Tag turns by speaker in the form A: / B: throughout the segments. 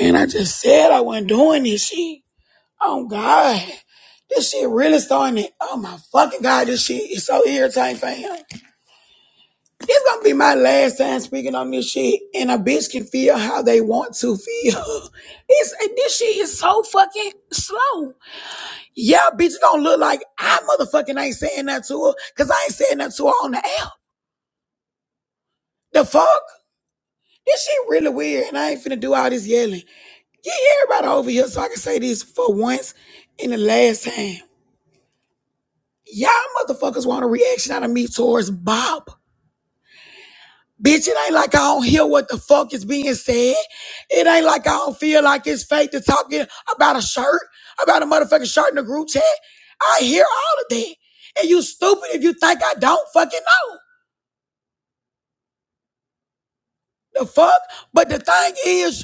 A: Man, I just said I wasn't doing this shit. Oh God. This shit really starting to, oh my fucking God, this shit is so irritating, fam. This gonna be my last time speaking on this shit, and a bitch can feel how they want to feel. It's, this shit is so fucking slow. Yeah, bitch, it don't look like I motherfucking ain't saying that to her, cause I ain't saying that to her on the app. The fuck? This shit really weird, and I ain't finna do all this yelling. Get everybody over here so I can say this for once and the last time. Y'all motherfuckers want a reaction out of me towards Bob. Bitch, it ain't like I don't hear what the fuck is being said. It ain't like I don't feel like it's fake to talking about a shirt, about a motherfucking shirt in the group chat. I hear all of that. And you stupid if you think I don't fucking know. The fuck? But the thing is,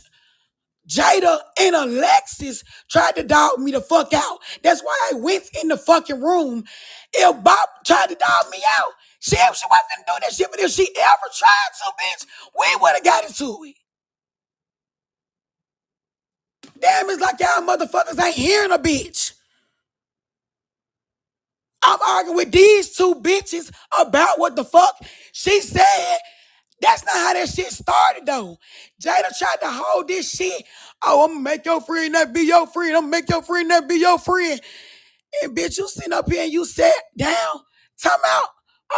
A: Jada and Alexis tried to dog me the fuck out. That's why I went in the fucking room. If Bob tried to dog me out, she, she wasn't doing that shit, but if she ever tried to, bitch, we would have got into it. Damn, it's like y'all motherfuckers ain't hearing a bitch. I'm arguing with these two bitches about what the fuck she said. That's not how that shit started though. Jada tried to hold this shit. Oh, I'm gonna make your friend that be your friend. I'm gonna make your friend that be your friend. And bitch, you sitting up here and you sat down, time out,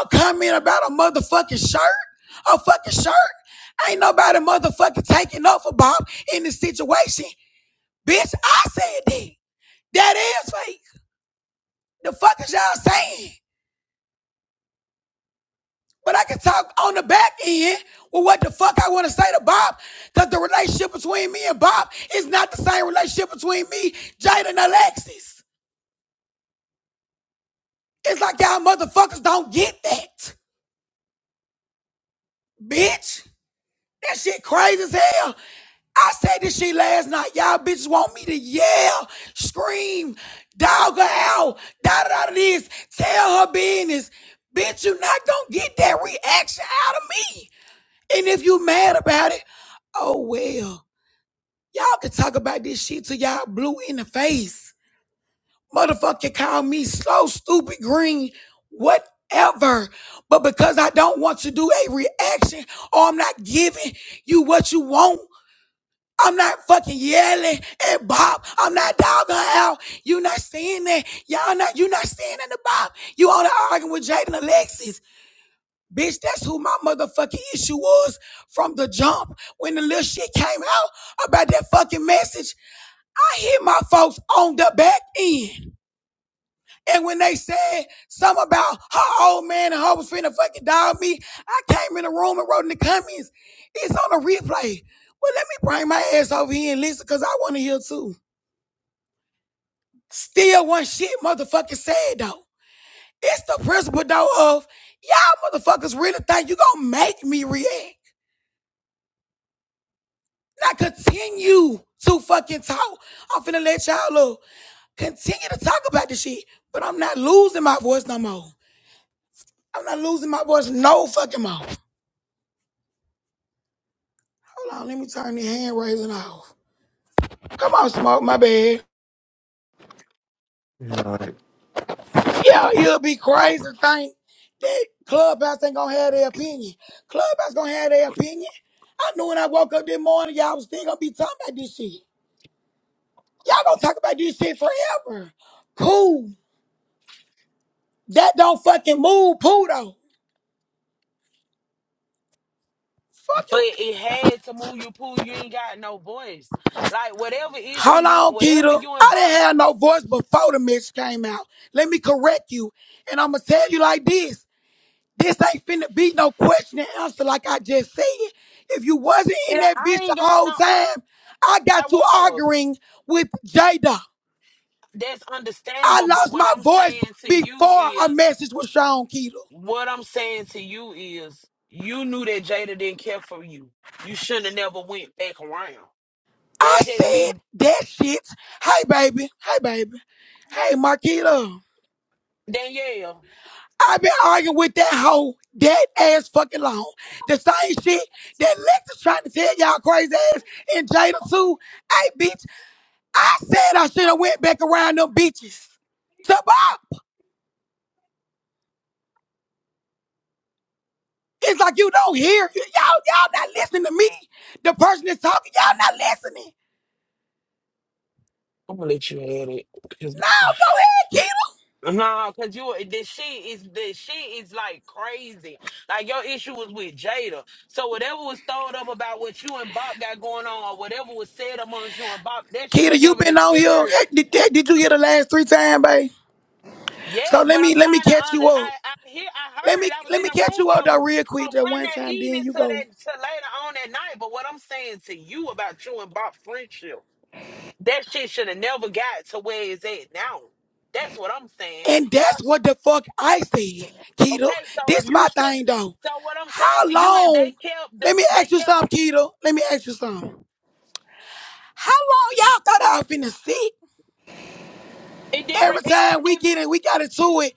A: a comment about a motherfucking shirt, a fucking shirt. Ain't nobody motherfucking taking up for Bob in this situation. Bitch, I said that. That is fake. The fuck is y'all saying? But I can talk on the back end with what the fuck I want to say to Bob, because the relationship between me and Bob is not the same relationship between me, Jada, and Alexis. It's like y'all motherfuckers don't get that, bitch. That shit crazy as hell. I said this shit last night. Y'all bitches want me to yell, scream, dog her out, da da da this, tell her business. Bitch, you not gonna get that reaction out of me. And if you mad about it, oh well. Y'all can talk about this shit till y'all blue in the face. Motherfucker call me slow, stupid, green, whatever. But because I don't want to do a reaction or I'm not giving you what you want, I'm not fucking yelling at Bob. I'm not dogging out. You not seeing that. Y'all not, you not seeing in the Bob. You all that arguing with Jaden Alexis. Bitch, that's who my motherfucking issue was from the jump. When the little shit came out about that fucking message, I hit my folks on the back end. And when they said something about her old man and her was finna fucking dog me, I came in the room and wrote in the comments, it's on a replay. Well, let me bring my ass over here and listen because I want to hear too. Still one shit motherfucking said though. It's the principle though of y'all motherfuckers really think you gonna make me react. Now continue to fucking talk. I'm finna let y'all look. Continue to talk about this shit, but I'm not losing my voice no more. I'm not losing my voice no fucking more. Hold on, let me turn the hand raising off. Come on, smoke, my bad.
B: You all right?
A: Yeah, you'll be crazy to think that Clubhouse ain't gonna have their opinion. Clubhouse gonna have their opinion. I knew when I woke up this morning, y'all was still gonna be talking about this shit. Y'all gonna talk about this shit forever. Cool. That don't fucking move, Pluto. Fuck
C: But
A: you.
C: it had to move your pool. You ain't got no voice. Like whatever issue
A: Hold
C: you,
A: on,
C: whatever
A: Keto.
C: you
A: I
C: and
A: didn't
C: Bob,
A: have no voice before the mix came out. Let me correct you. And I'ma tell you like this. This ain't finna be no question and answer like I just said. If you wasn't in
C: it,
A: that
C: I
A: bitch the
C: ain't got
A: whole
C: no.
A: time, I
C: I
A: got to
C: was.
A: arguing with Jada.
C: That's
A: I
C: understandable. But
A: lost
C: what
A: my
C: I'm
A: voice
C: saying to you
A: before a
C: is,
A: message with Sean Keto.
C: what I'm saying to you is, you knew that Jada didn't care for you. You shouldn't have never went back around.
A: I
C: That's just
A: said
C: me,
A: that shit. Hey baby, hey baby, hey Marquita.
C: Danielle.
A: I've been arguing with that hoe that ass fucking long. The same shit that Lex is trying to tell y'all crazy ass and Jada too. Hey bitch. I said I should have went back around them bitches. So Bob, it's like you don't hear. You- all y'all not listening to me. The person that's talking, y'all not listening.
C: I'm gonna let you have it.
A: No, go ahead,
C: No, cause you this she is this she is like crazy. Like your issue was with Jada. So whatever was thrown up about what you and Bob got going on, or whatever was said amongst you and Bob, that
A: Keita.
C: shouldn't
A: Keita,
C: have
A: you
C: never
A: been on here.
C: deterred.
A: Hey, Did, did, did you hear the last three times, babe? So
C: Yes,
A: let
C: but
A: me
C: I'm
A: let me
C: trying
A: catch
C: to under.
A: you up.
C: I I hear I
A: Let
C: heard
A: me
C: it. I was
A: let
C: in
A: me
C: the
A: catch
C: room
A: you up
C: from
A: though real quick
C: from
A: just
C: one
A: one
C: that
A: time,
C: evening
A: then you
C: to
A: go.
C: that to later on that night. But what I'm saying to you about you and Bob's friendship, that shit should have never got to where it's at now. That's what I'm saying.
A: And that's
C: Y'all.
A: what the fuck I said, Keita.
C: Okay, so
A: This my
C: you should.
A: thing though.
C: So what I'm
A: How
C: saying to you is
A: long?
C: they kept the
A: Let me ask
C: they
A: you
C: kept
A: something, Keita. Let me ask you something. How long y'all thought I was finna sit?
C: it didn't
A: Every
C: re- it, you
A: time we
C: didn't.
A: get in, we got into it,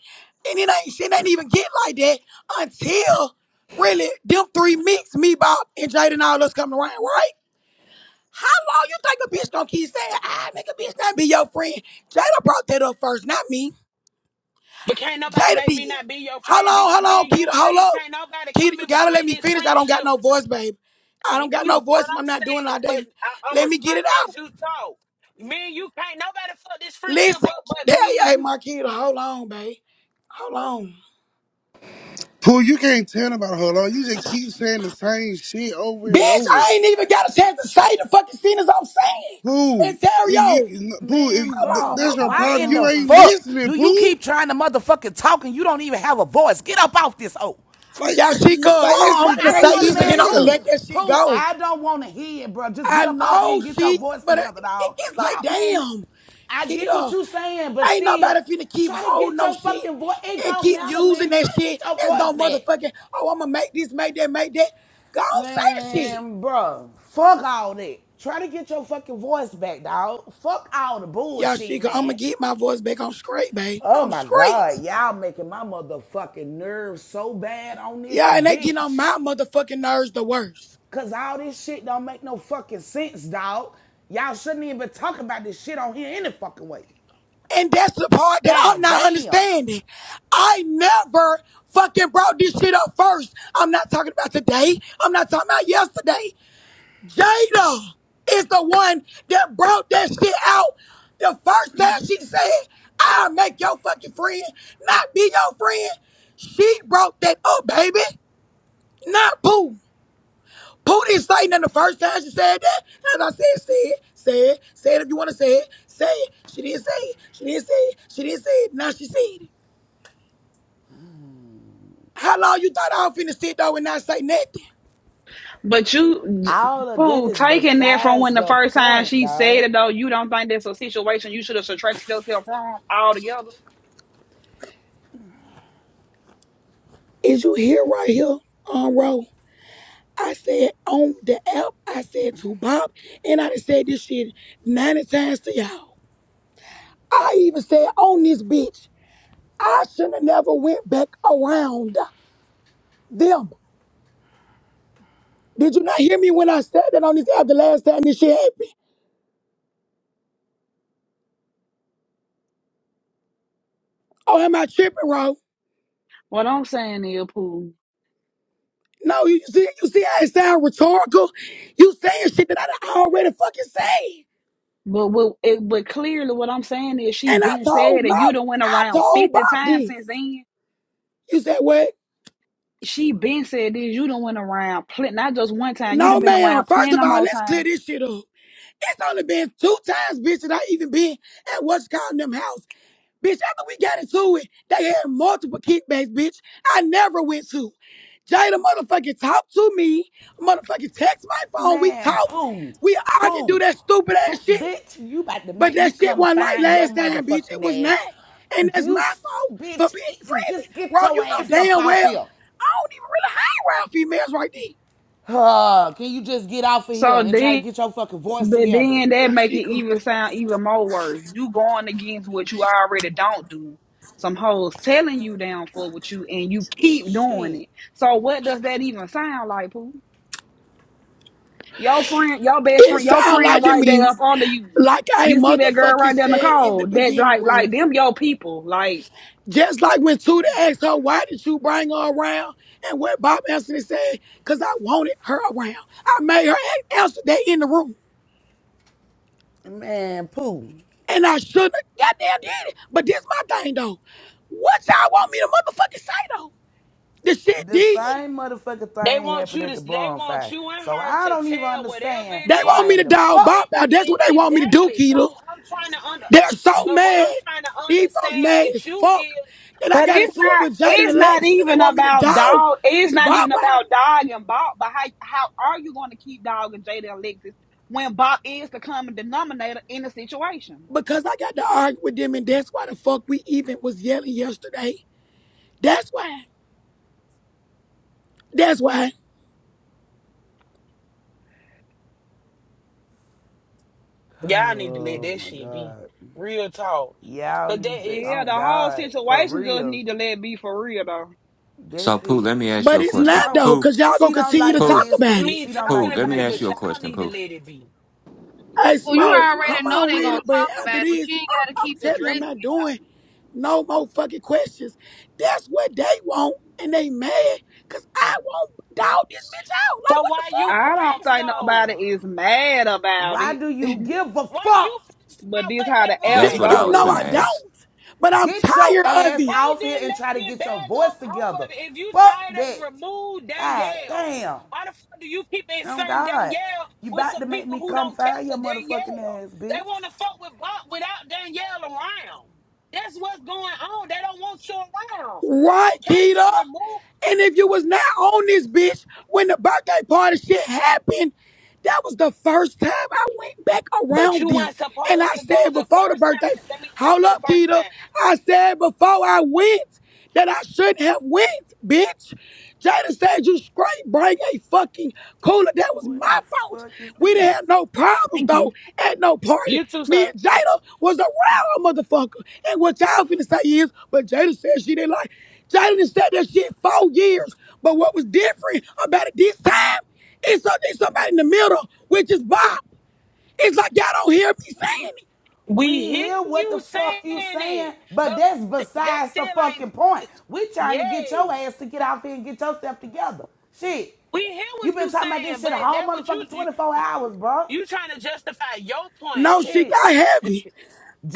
A: and it ain't shit ain't even get like that until really them three mix me, Bob, and Jade and all us coming around, right? How long you think a bitch gonna keep saying, ah, nigga, bitch, not be your friend? Jada brought that up first, not me.
C: But can't nobody
A: Jada
C: make
A: did.
C: me not be your
A: How
C: friend,
A: long,
C: bitch. If
A: how
C: me
A: long,
C: and
A: Keita,
C: you
A: hold
C: friends,
A: up.
C: can't nobody
A: Keita,
C: come
A: you
C: in
A: gotta let
C: between
A: me
C: this
A: finish. I don't got
C: friendship.
A: no voice, babe.
C: I
A: I don't
C: hear
A: got
C: you,
A: no
C: but what
A: voice and
C: I'm
A: I'm not doing it
C: saying,
A: all
C: but
A: day.
C: I, I'm
A: Let me get it
C: responding
A: out.
C: as you talk. Me and you can't nobody fuck this friendship
A: Listen,
C: up,
A: hey,
C: but me and
A: hey,
C: you.
A: Marquita, hold on, babe. Hold on.
D: Pooh, you can't tell about her law. You just keep saying the same shit over and
A: Bitch,
D: over.
A: I ain't even got a chance to say the fucking sentence I'm saying.
D: Pooh, you,
A: Ontario.
D: you- Pooh, it-
E: Man,
A: Hold
D: th-
A: on, hold
E: bro,
D: that's your
A: on,
E: why
A: hold
D: problem.
E: in
A: on,
E: the
D: You
A: hold on.
D: ain't
E: fuck
D: listening,
E: do you
D: Pooh.
E: keep trying to motherfucking talk and you don't even have a voice? Get up off this hoe.
D: Like,
A: Yeah, she could.
D: th- like that
A: Oh,
E: What?
D: shit
A: I'm finna
E: I don't
A: say
D: crazy
E: want a
A: this and
E: man
A: then
D: as
A: I'm gonna
D: hell.
E: poo.
A: let that shit
E: Poo,
A: go.
E: I don't want to hear it, bro. Just get
A: I
E: up off here and
A: know
E: get your
A: she,
E: voice
A: but it,
E: together,
A: it-
E: dog.
A: it's like,
E: Y'all, man,
A: damn,
E: I get what
A: Keita,
E: you saying, but
A: ain't
E: still,
A: nobody finna keep
E: try to
A: holding
E: get
A: no
E: your
A: shit
E: fucking voice. It
A: and
E: don't
A: keep
E: matter,
A: using
E: man. Try
A: that
E: to
A: shit
E: get your
A: as
E: voice
A: no
E: back.
A: motherfucking, oh, I'm gonna make this, make that, make that. Go on, say the shit.
E: Man, bro, fuck all that. Try to get your fucking voice back, dog. Fuck all the
A: Yeah, she
E: bullshit,
A: could. I'm gonna
E: man.
A: get my voice back. I'm straight, babe.
E: Oh
A: I'm
E: my
A: straight.
E: God, y'all making my motherfucking nerves so bad on this
A: Yeah, and they getting on
E: bitch.
A: my motherfucking nerves the worst.
E: Cause all this shit don't make no fucking sense, dog. Y'all shouldn't even be talking about this shit on here any fucking way.
A: And that's the part that I'm
E: God
A: not
E: damn.
A: understanding. I never fucking brought this shit up first. I'm not talking about today. I'm not talking about yesterday. Jada is the one that brought that shit out. The first time she said, I'll make your fucking friend, not be your friend. She brought that up, baby. Not Pooh. Putin is Satan in the first time she said that. And I said, say it, say it, say it if you want to say it, say it. She didn't say it, she didn't say it, she didn't say it. Now she said it. How long you thought I was finna sit though and not say nothing?
F: But you,
E: All of that
F: Pooh,
E: is
F: taking that from
E: besides
F: when the
E: the
F: first time
E: point,
F: she said it,
E: dog.
F: though, you don't think that's a situation you should have subtracted yourself from altogether?
A: Is you here right here on roll? I said on the app, I said to Bob, and I done said this shit 90 times to y'all. I even said on this bitch, I shouldn't have never went back around them. Did you not hear me when I said that on this app the last time this shit happened? Oh, am I tripping, bro?
F: What I'm saying is, Pooh,
A: No, you see, you see how it sound rhetorical? You saying shit that I done already fucking said.
F: but what, it, but clearly what I'm saying is she
A: And I
F: been
A: told
F: said that
A: Mo,
F: you done went
A: I
F: around
A: told
F: 50
A: Bob
F: times
A: this.
F: since then.
A: You said what?
F: She been said this, you done went around, pl- not just one time, you done
A: No,
F: been
A: ma'am.
F: around
A: First
F: plenty
A: of all,
F: more
A: let's clear
F: time.
A: this shit up. It's only been two times, bitch, that I even been at what's called them house. Bitch, after we got into it, they had multiple kickbacks, bitch. I never went to. Jada motherfucking talked to me. Motherfucking text my phone. We
E: Man,
A: talked.
E: poo,
A: We argued, do
E: poo,
A: that stupid ass
E: poo.
A: shit.
E: Bitch, you about to
A: But
E: make me
A: that shit
E: come
A: wasn't like
E: find your
A: last time, bitch. It was
E: motherfucking ass.
A: not. And
E: Do
A: that's
E: you,
A: my fault for
E: bitch,
A: being
E: i- i-
A: friendly.
E: just get
A: Bro,
E: your
A: you know
E: ass up
A: damn
E: off
A: well,
E: here.
A: I don't even really hang around females right there.
E: Huh, can you just get off of here
F: So
E: and try
F: then
E: to get your fucking voice
F: But
E: together?
F: then that
A: Yeah,
F: make
A: she
F: it
A: cool.
F: even sound even more worse. You going against what you already don't do. Some hoes telling you down for what you and you keep doing
E: Shit.
F: it. So what does that even sound like, Pooh? Your friend, your best
A: It
F: friend, your
A: sound
F: friend
A: like to
F: right there
A: me,
F: up under you.
A: like I
F: You see that girl right
A: motherfucking
F: there,
A: said in
F: Nicole.
A: the
F: That
A: beginning,
F: like like
A: bro.
F: them your people. Like
A: Just like when Tuda asked her, why did you bring her around? And what Bob Anthony said, because I wanted her around. I made her answer that in the room.
E: Man, poo.
A: And I shouldn't have goddamn did it. But this my thing, though. What y'all want me to motherfucking say, though? The shit
E: The
A: did.
E: same motherfucking
C: They
E: thing
C: want
E: happened
C: you
E: at
C: to.
E: the
C: They want
E: bonfire.
C: you and
E: So
C: her
E: I
C: to
E: don't even
C: tell whatever
E: understand
A: They
C: it
A: want
E: why
A: me
C: is.
E: in
A: to
E: the
A: dog bop
C: It,
E: fuck.
A: out. That's
C: it,
A: what they want me to do,
C: exactly. So
A: Keto.
C: I'm trying to under.
A: They're so
C: But what
A: mad.
C: I'm trying to
A: These folks
C: understand
A: mad
C: with
A: as
C: you
A: fuck
C: is.
A: that I
F: But
A: got
F: it's
A: into it
F: not.
A: with Jaden
F: It's
A: and
F: not
A: Lexus and they
F: even
A: want me to
F: about
A: dog
F: dog. It's not
A: bop
F: even
A: out
F: about dog and Bob. But how how are you going to keep dog and Jada and Alexis when Bob is the common denominator in the situation?
A: because I got to argue with them and that's why the fuck we even was yelling yesterday. That's why. That's why.
C: Y'all need to let
E: Oh
C: that
E: my
C: shit be.
E: God.
C: Real talk.
E: Y'all
C: Cause
E: need
C: that
E: to,
C: is
F: Yeah,
E: on
F: the whole
E: God, for
F: situation just
E: real.
F: need to let be for real though.
E: That
B: So Pooh,
E: shit.
B: let me ask you
A: But
B: a
A: it's
E: She
A: not
B: question.
E: don't.
A: though,
B: Pooh,
A: cause y'all gonna
E: She don't
A: continue
E: like
A: to
E: to
B: Pooh,
A: talk
E: listen.
A: about it.
C: me
E: She don't
C: talking
B: Pooh,
E: like to
B: let me
C: about it,
B: ask
E: listen.
B: you
C: but
B: a
C: y'all
B: question,
C: need to
B: Pooh.
C: let it be.
A: Hey,
G: Well, you
A: Smoke, come
G: already know
A: on
G: they
A: with
G: gonna
A: it. But
G: talk
A: after
G: about it, but
A: this,
G: you ain't gotta
A: I'm, I'm
G: keep
A: telling you, I'm
G: addressing
A: not
G: it.
A: doing. No more fucking questions. That's what they want, and they mad because I won't dog this bitch out. Like,
C: So
A: what the
C: why you
F: I don't
C: press
F: think nobody
C: though?
F: is mad about
E: Why
F: it.
E: do you give a
C: Why you
E: fuck
C: pressed
F: But
C: about
F: this
C: what
F: how the
C: they want
A: fuck?
F: app
B: That's
A: Shit,
C: you
B: what
A: you
B: I
C: to
B: was
A: know
F: go.
B: finna
A: I
C: do?
B: ask.
A: don't, but I'm
E: Get your
A: tired of
E: ass
A: it.
C: Tay
E: off here
C: didn't
E: and
C: let
E: try to
C: them
E: get your
C: bags
E: voice
C: off off of
E: together.
C: it. If you
E: Fuck
C: tired of it,
E: that.
C: remove
E: God
C: Danielle.
E: damn.
C: Why the fuck do you keep
E: Oh
C: inserting
E: God.
C: Danielle
E: You
C: with
E: about
C: some
E: to make
C: people
E: me
C: who
E: come
C: don't care
E: fire
C: for
E: your motherfucking
C: Danielle?
E: ass,
C: They
E: bitch.
C: want to fuck with Bob without Danielle around. That's what's going on. They don't want you around.
A: Right,
C: Okay, so
A: Keita?
C: remove.
A: And if you was not on this bitch when the birthday party shit happened, that was the first time I went back
C: But
A: around
C: you
A: them.
C: weren't
A: And I
C: supposed to go
A: said
C: the
A: before the
C: first
A: birthday,
C: time. Let me
A: hold
C: after the
A: up,
C: first
A: Keita.
C: time.
A: I said before I went that I shouldn't have went, bitch. Jada said you straight bring a fucking cooler. That was
E: Who in
A: my
E: the
A: fault.
E: fuck is
A: We didn't
E: this?
A: have no problems
C: Thank
A: though
C: you.
A: at no party.
C: You too,
A: Me
C: sir.
A: and Jada was around a motherfucker. And what y'all finna say is, but Jada said she didn't like. Jalen said that shit four years, but what was different about it this time is something somebody in the middle, which is Bob. It's like y'all don't hear me saying it.
E: We
C: We hear
E: hear what the
C: you
E: fuck you
C: saying
E: saying,
C: it, but
E: but that's
C: th- that
E: besides
C: still
E: the
C: ain't.
E: fucking point. We trying to get your
C: Yes.
E: ass to get out here and get yourself together. Shit.
C: We hear
E: You
C: what
E: been
C: you
E: talking about this
C: saying,
E: shit
C: but
E: a whole
C: that what you
E: motherfucking 24
C: you,
E: hours, bro.
C: you trying to justify your
A: No,
C: point.
A: she
E: Shit.
A: got heavy.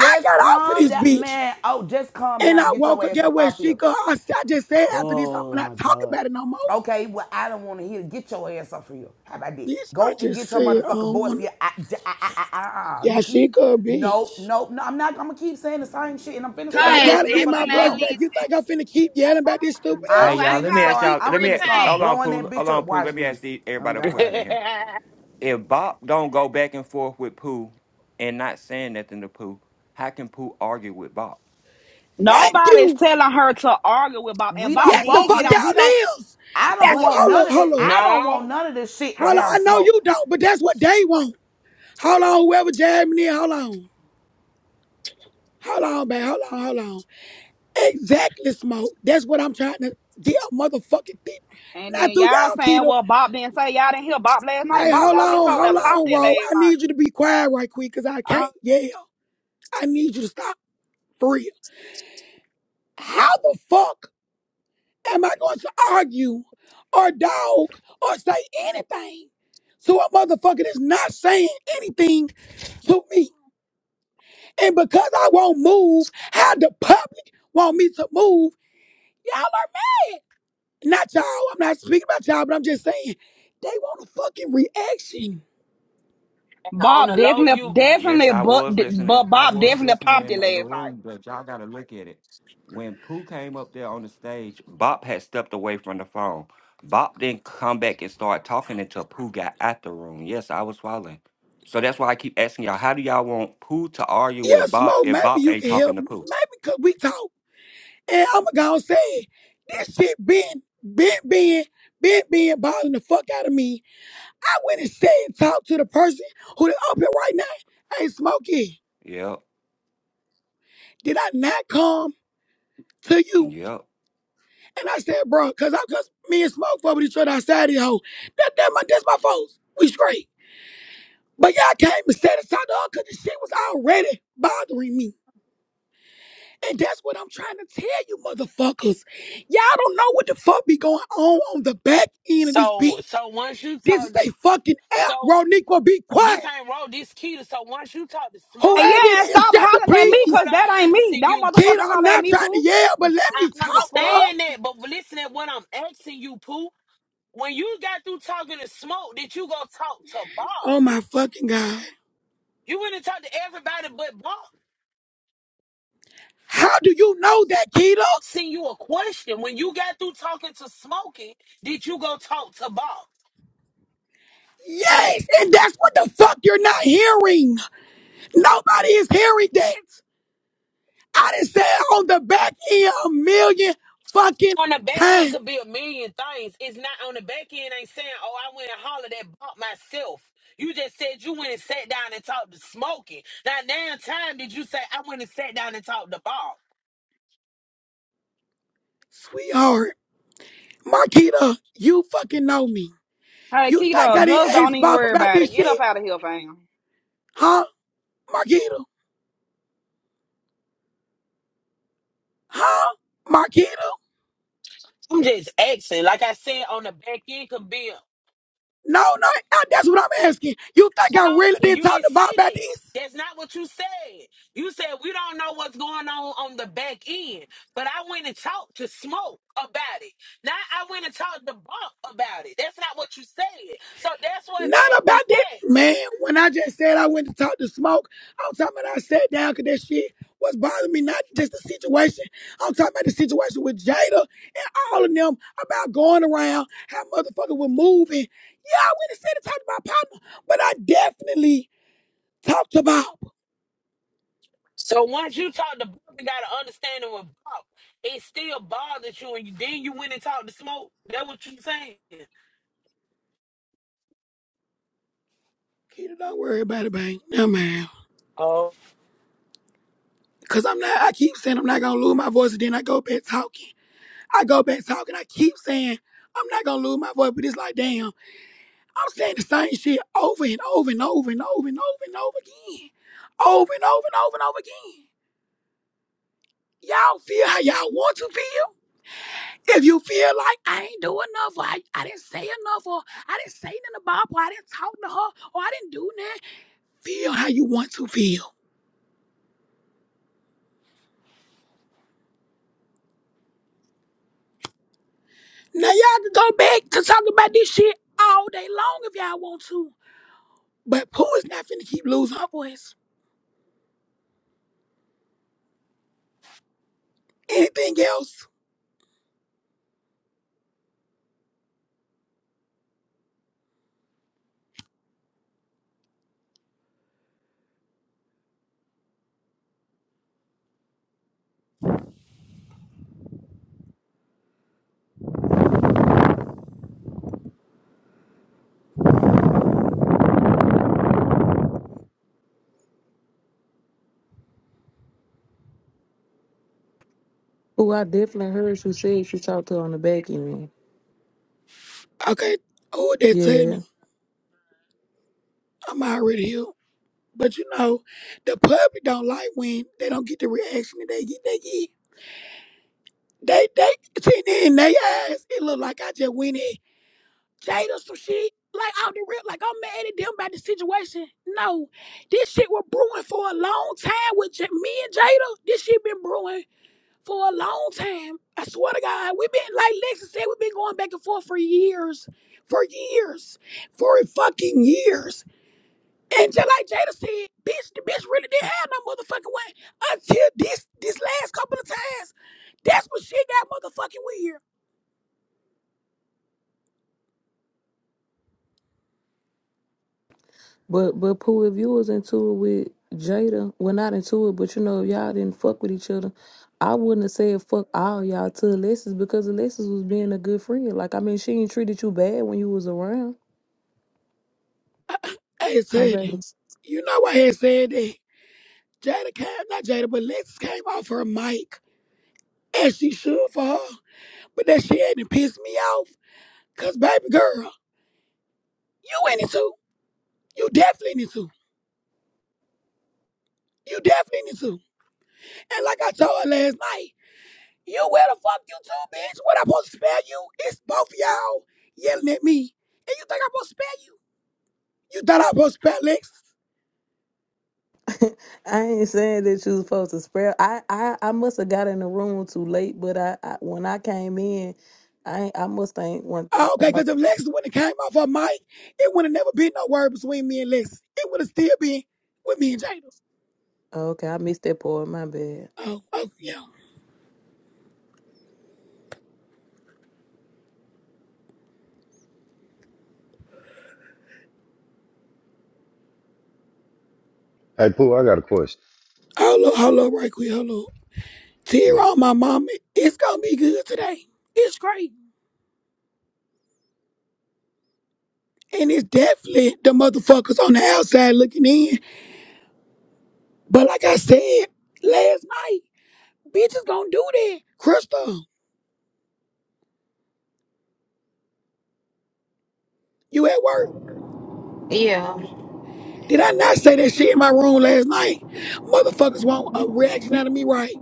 A: I got off of
E: calm
A: this
E: down,
A: bitch.
E: man. Oh, just calm
A: And
E: down
A: I
E: and get your
A: woke up,
E: ass
A: get
E: up
A: where
E: out
A: she
E: here.
A: go. I, I just said after this, I'm
E: Oh
A: not
E: my
A: talking
E: God.
A: about it no more.
E: Okay, well I don't want to hear. Get your ass up here. How about that?
A: Bitch, I
E: Go and get
A: just
E: your
A: said I
E: motherfucking
A: don't
E: voice.
A: want to.
E: Yeah, I, j- I, I, I, I, I. you
A: Yeah, she
E: keep.
A: could, bitch.
E: No, no, no. I'm not. I'm gonna keep saying the same shit, and I'm finna
A: Cause
G: I
E: start
A: I
G: had
E: calling
A: gotta
E: your
A: get my
E: fucking
A: voice
E: phone.
A: back.
G: definitely
A: You think I'm finna keep yelling about this stupid
G: fool.
A: ass
B: Hey
E: I'm
A: shit?
G: I
B: y'all,
E: finna
B: let me
G: called
B: ask
E: start.
G: you
B: y'all.
E: I'm
B: Let
G: three
E: finna
B: me
E: start
B: hold
G: times.
B: on,
E: blowing that
B: Pooh. Hold
E: bitch up.
B: on, Pooh.
E: Watch
B: Let me ask
E: this.
B: the,
E: Oh
B: everybody a question
E: God.
B: in here. If Bob don't go back and forth with Pooh and not saying nothing to Pooh, how can Pooh argue with Bob?
A: Thank
F: Nobody's
A: you.
F: telling her to argue with Bob, and
E: We
F: Bob
E: don't
A: Yes, the
F: did
E: want
A: fuck
F: get
E: this.
F: on.
E: We don't.
A: y'all is.
E: I don't
A: That's
F: But
A: what,
E: want
A: hold
E: none
A: up,
E: of this.
A: hold up.
E: I don't want
C: no,
E: none of this shit to
A: How long?
E: have them
A: I know
E: smoke.
A: you don't, but that's what they want. Hold on, Whoever jamming in, Hold on. Hold on, man? Hold on. Hold on. Exactly, smoke. That's what I'm trying to get a motherfucking thing.
F: and
A: Not
F: then
A: through
F: y'all
A: y'all,
F: saying,
A: Keto.
F: well, Bob didn't say y'all didn't hear Bob last night.
A: Hey,
F: Bob
A: hold
E: Oh
F: got on this
A: on,
F: hoe
A: hold
F: and
E: Lord.
F: popped
A: on,
F: it
A: bro.
F: last
A: I need you
F: night.
A: to be quiet right quick, cause I
F: I
A: can't yell. I need you to stop for real. How the fuck am I going to argue or dog or say anything to a motherfucker that's not saying anything to me? And because I won't move, how the public want me to move, y'all are mad. Not y'all, I'm not speaking about y'all, but I'm just saying, they want a fucking reaction.
C: on
F: Bob
C: the low
F: definitely,
C: you get.
B: Yes,
F: definitely,
B: I
F: but,
B: was listening.
F: but
B: I
F: Bob
B: was
F: definitely
B: listening
F: popped
B: in
F: it
B: the other
F: last night.
B: room, but y'all gotta look at it. When Pooh came up there on the stage, Bop had stepped away from the phone. Bop didn't come back and start talking until Pooh got out the room. Yes, I was following. So that's why I keep asking y'all, how do y'all want Pooh to argue
A: Yeah,
B: with Bop
A: Smoke,
B: if
A: maybe
B: Bop
A: you
B: ain't
A: can
B: talking
A: help
B: to
A: me.
B: Pooh?
A: Maybe because we talk. And I'm going to say, it. this shit been, been, been, been, been bothering the fuck out of me. I went and said and talked to the person who is up here right now. Hey, Smokey,
B: Yep,
A: did I not come to you?
B: yep.
A: And I said, bro, cause I cause me and Smoke fuck with each other outside the hoe. That that my that's my folks. We straight. But y'all came and set us out the cause the shit was already bothering me. And that's what I'm trying to tell you, motherfuckers. Y'all don't know what the fuck be going on on the back end of this
C: So
A: bitch.
C: so once you
A: This is
C: talk
A: a
C: this,
A: fucking app,
C: so
A: bro. Nico, be quiet.
C: this ain't road. This keto. So once you talk to
F: And
C: smoking,
A: Whoever
F: yeah, and
A: it is,
F: stop
A: shut the
F: hollering at
C: but
F: me,
A: please.
C: what
F: cause
C: I'm
F: that ain't me.
C: asking
F: Don't
C: you,
A: Kid,
F: motherfucking
A: I'm
F: holler at
A: not
F: me,
A: trying to
F: poo.
A: yell, but let me
C: I
A: talk, bro.
F: Fuck.
C: understand that. But listen to what I'm asking you, Pooh. When you got through talking to smoke, did you go talk to Bob?
A: Oh my fucking god.
C: You went and talked to everybody but Bob.
A: How do you know that, Keto?
C: asking you a question. When you got through talking to Smokey, did you go talk to Bob?
A: Yes, and that's what the fuck you're not hearing. Nobody is hearing that. I done said on the back end a million fucking
C: On the back end
A: times,
C: could be a million things. It's not on the back end. Ain't saying, oh, I went and hollered at Bob myself. You just said you went and sat down and talked to Smokey. Now, damn time did you say I went and sat down and talked to Bob?
A: sweetheart. Marquita, you fucking know me.
F: Hey,
A: You think I
F: Keto,
A: didn't
F: just don't
A: ask
F: even
A: Bob
F: worry
A: about
F: about it.
A: this
F: Get
A: shit?
F: up out of here, fam.
A: Huh? Marquita? Huh? Marquita?
C: I'm just asking. Like I said, on the back end could be
A: No, no, I- that's what I'm asking. You think
C: I
A: I
C: don't.
A: really didn't
C: You
A: talk
C: didn't
A: to
C: say
A: Bob about
C: that.
A: this?
C: That's not what you said. You said we don't know what's going on on the back end, but I went and talked to Smoke about it. Now I went and talked to Bump about it. That's not what you said. So that's what
A: Not
C: made me
A: about that,
C: ask.
A: man. When I just said I went to talk to Smoke, I'm talking about I sat down because that shit was bothering me. Not just the situation. I'm talking about the situation with Jada and all of them about going around how motherfuckers were moving. Yeah, I went and said to talk about partner, but I definitely talked about.
C: So once you talked to Bump and got an understanding with Bump, it still bothers you, and you, then you went and talked to Smoke. That what you saying?
A: Kita, don't worry about it, bang. No, man. Cause I'm not. I keep saying I'm not gonna lose my voice, and then I go back talking. I go back talking. I keep saying I'm not gonna lose my voice, but it's like, damn. I'm saying the same shit over and over and over and over and over and over again. Over and over and over and over again. Y'all feel how y'all want to feel. If you feel like I ain't do enough, or I, I didn't say enough, or I didn't say nothing about, her, or I didn't talk to her, or I didn't do nothing, feel how you want to feel. Now y'all can go back to talking about this shit all day long if y'all want to. But Pooh is not finna keep losing her voice. Anything else?
H: Oh, I definitely heard you said you talked to her on the back end.
A: Okay, who would that tell
H: Yeah.
A: me? I'm already here. But you know, the public don't like when they don't get the reaction that they get. They get they they see in they eyes. It look like I just went in Jada some shit. Like out the rip, like I'm mad at them about the situation. No, this shit was brewing for a long time with J- me and Jada. This shit been brewing for a long time. I swear to God, we've been like Lexi said, we've been going back and forth for years, for years, for fucking years. And just like Jada said, bitch, the bitch really didn't have no motherfucking way until this this last couple of times. That's when she got motherfucking weird.
H: But but Pooh, if you was into it with Jada, well not into it, but you know, if y'all didn't fuck with each other, I wouldn't have said fuck all y'all to Alexis because Alexis was being a good friend. Like I mean she ain't treated you bad when you was around.
A: I had
H: I'm
A: said
H: baby.
A: that. You know I had said that. Jada came, not Jada, but Lexus came off her mic and she should for her. But that shit hadn't pissed me off. Cause baby girl, you in it too. You definitely in it too. You definitely in it too. And like I told her last night. You where the fuck you too, bitch? What I'm supposed to spare you? It's both y'all yelling at me. And you think I'm supposed to spare you? You thought I was supposed to spell Lex?
H: I ain't saying that you was supposed to spread. I, I, I must have got in the room too late, but I, I when I came in, I ain't- I must ain't went.
A: Oh, okay, because if Lex wouldn't have came off her mic, it would have never been no word between me and Lex. It would have still been with me and Jada.
H: Okay, I missed that part. My bad.
A: Oh, oh, yeah.
I: Hey, Pooh, I got a question.
A: Hold up, hold up, right quick, hold up. Tear
I: Man,
A: on my mama. It's gonna be good today. It's great. And it's definitely the motherfuckers on the outside looking in. But like I said last night, bitches gonna do that. Crystal. You at work?
G: Yeah,
A: Did I not say that shit in my room last night? Motherfuckers want a reaction out of me, right?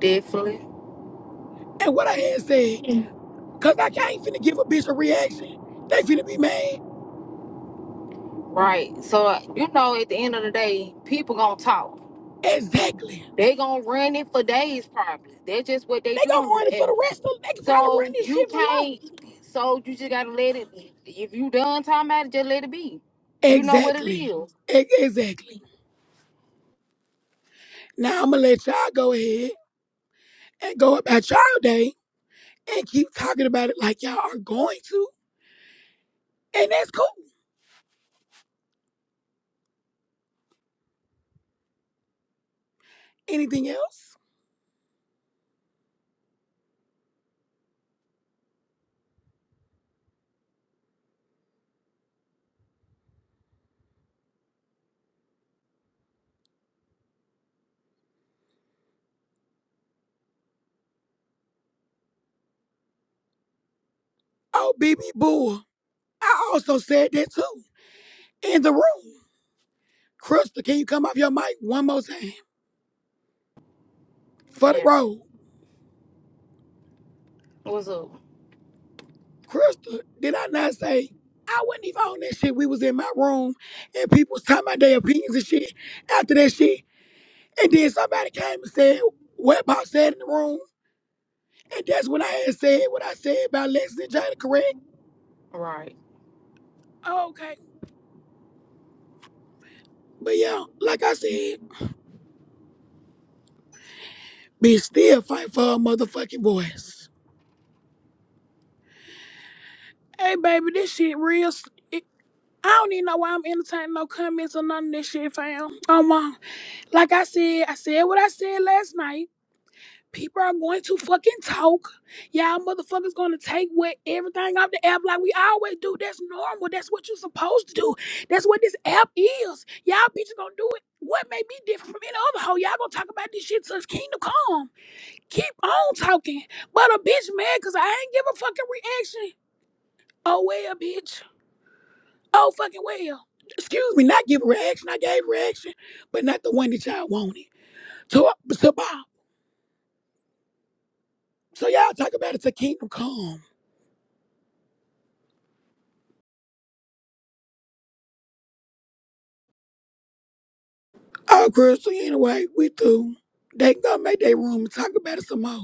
G: definitely.
A: And what I had said, cause I can't finna give a bitch a reaction. They finna be mad.
G: Right. So uh, you know, at the end of the day, people gonna talk.
A: Exactly.
G: They gonna run it for days, probably. That's just what they
A: They
G: do
A: gonna
G: on this
A: run it for
G: app.
A: the rest of. They can probably run
G: So
A: this
G: you
A: shit for life.
G: can't. So you just gotta let it. If you done talking about it, just let it be. You know what it
A: Exactly.
G: is.
A: E- exactly. Now I'ma let y'all go ahead and go about y'all day and keep talking about it like y'all are going to, and that's cool. Anything else? Oh, BB Bull. I also said that too in the room. Crystal, can you come off your mic one more time for the
G: Yeah.
A: road?
G: What's up?
A: Crystal, did I not say I wasn't even on that shit? We was in my room and people was talking about their opinions and shit after that shit. And then somebody came and said what Pop said in the room. And that's when I had said what I said about Lexus and Jada, correct?
G: Right.
A: Oh, okay. But yeah, like I said, bitch still fight for her motherfucking voice. Hey baby, this shit real s- it- I don't even know why I'm entertaining no comments or none of this shit, fam. Oh my. Like I said, I said what I said last night. People are going to fucking talk. Y'all motherfuckers gonna take what everything off the app like we always do. That's normal. That's what you're supposed to do. That's what this app is. Y'all bitches gonna do it. What made me different from any other hoe? Y'all gonna talk about this shit till it's kingdom come. Keep on talking. But a bitch mad cause I ain't give a fucking reaction. Oh well, bitch. Oh fucking well. Excuse me, not give a reaction. I gave a reaction, but not the one that y'all wanted. To, to Bob. So y'all talk about it to Kingdom Come. Oh, girl, so anyway, we through. They can go make their room and talk about it some more.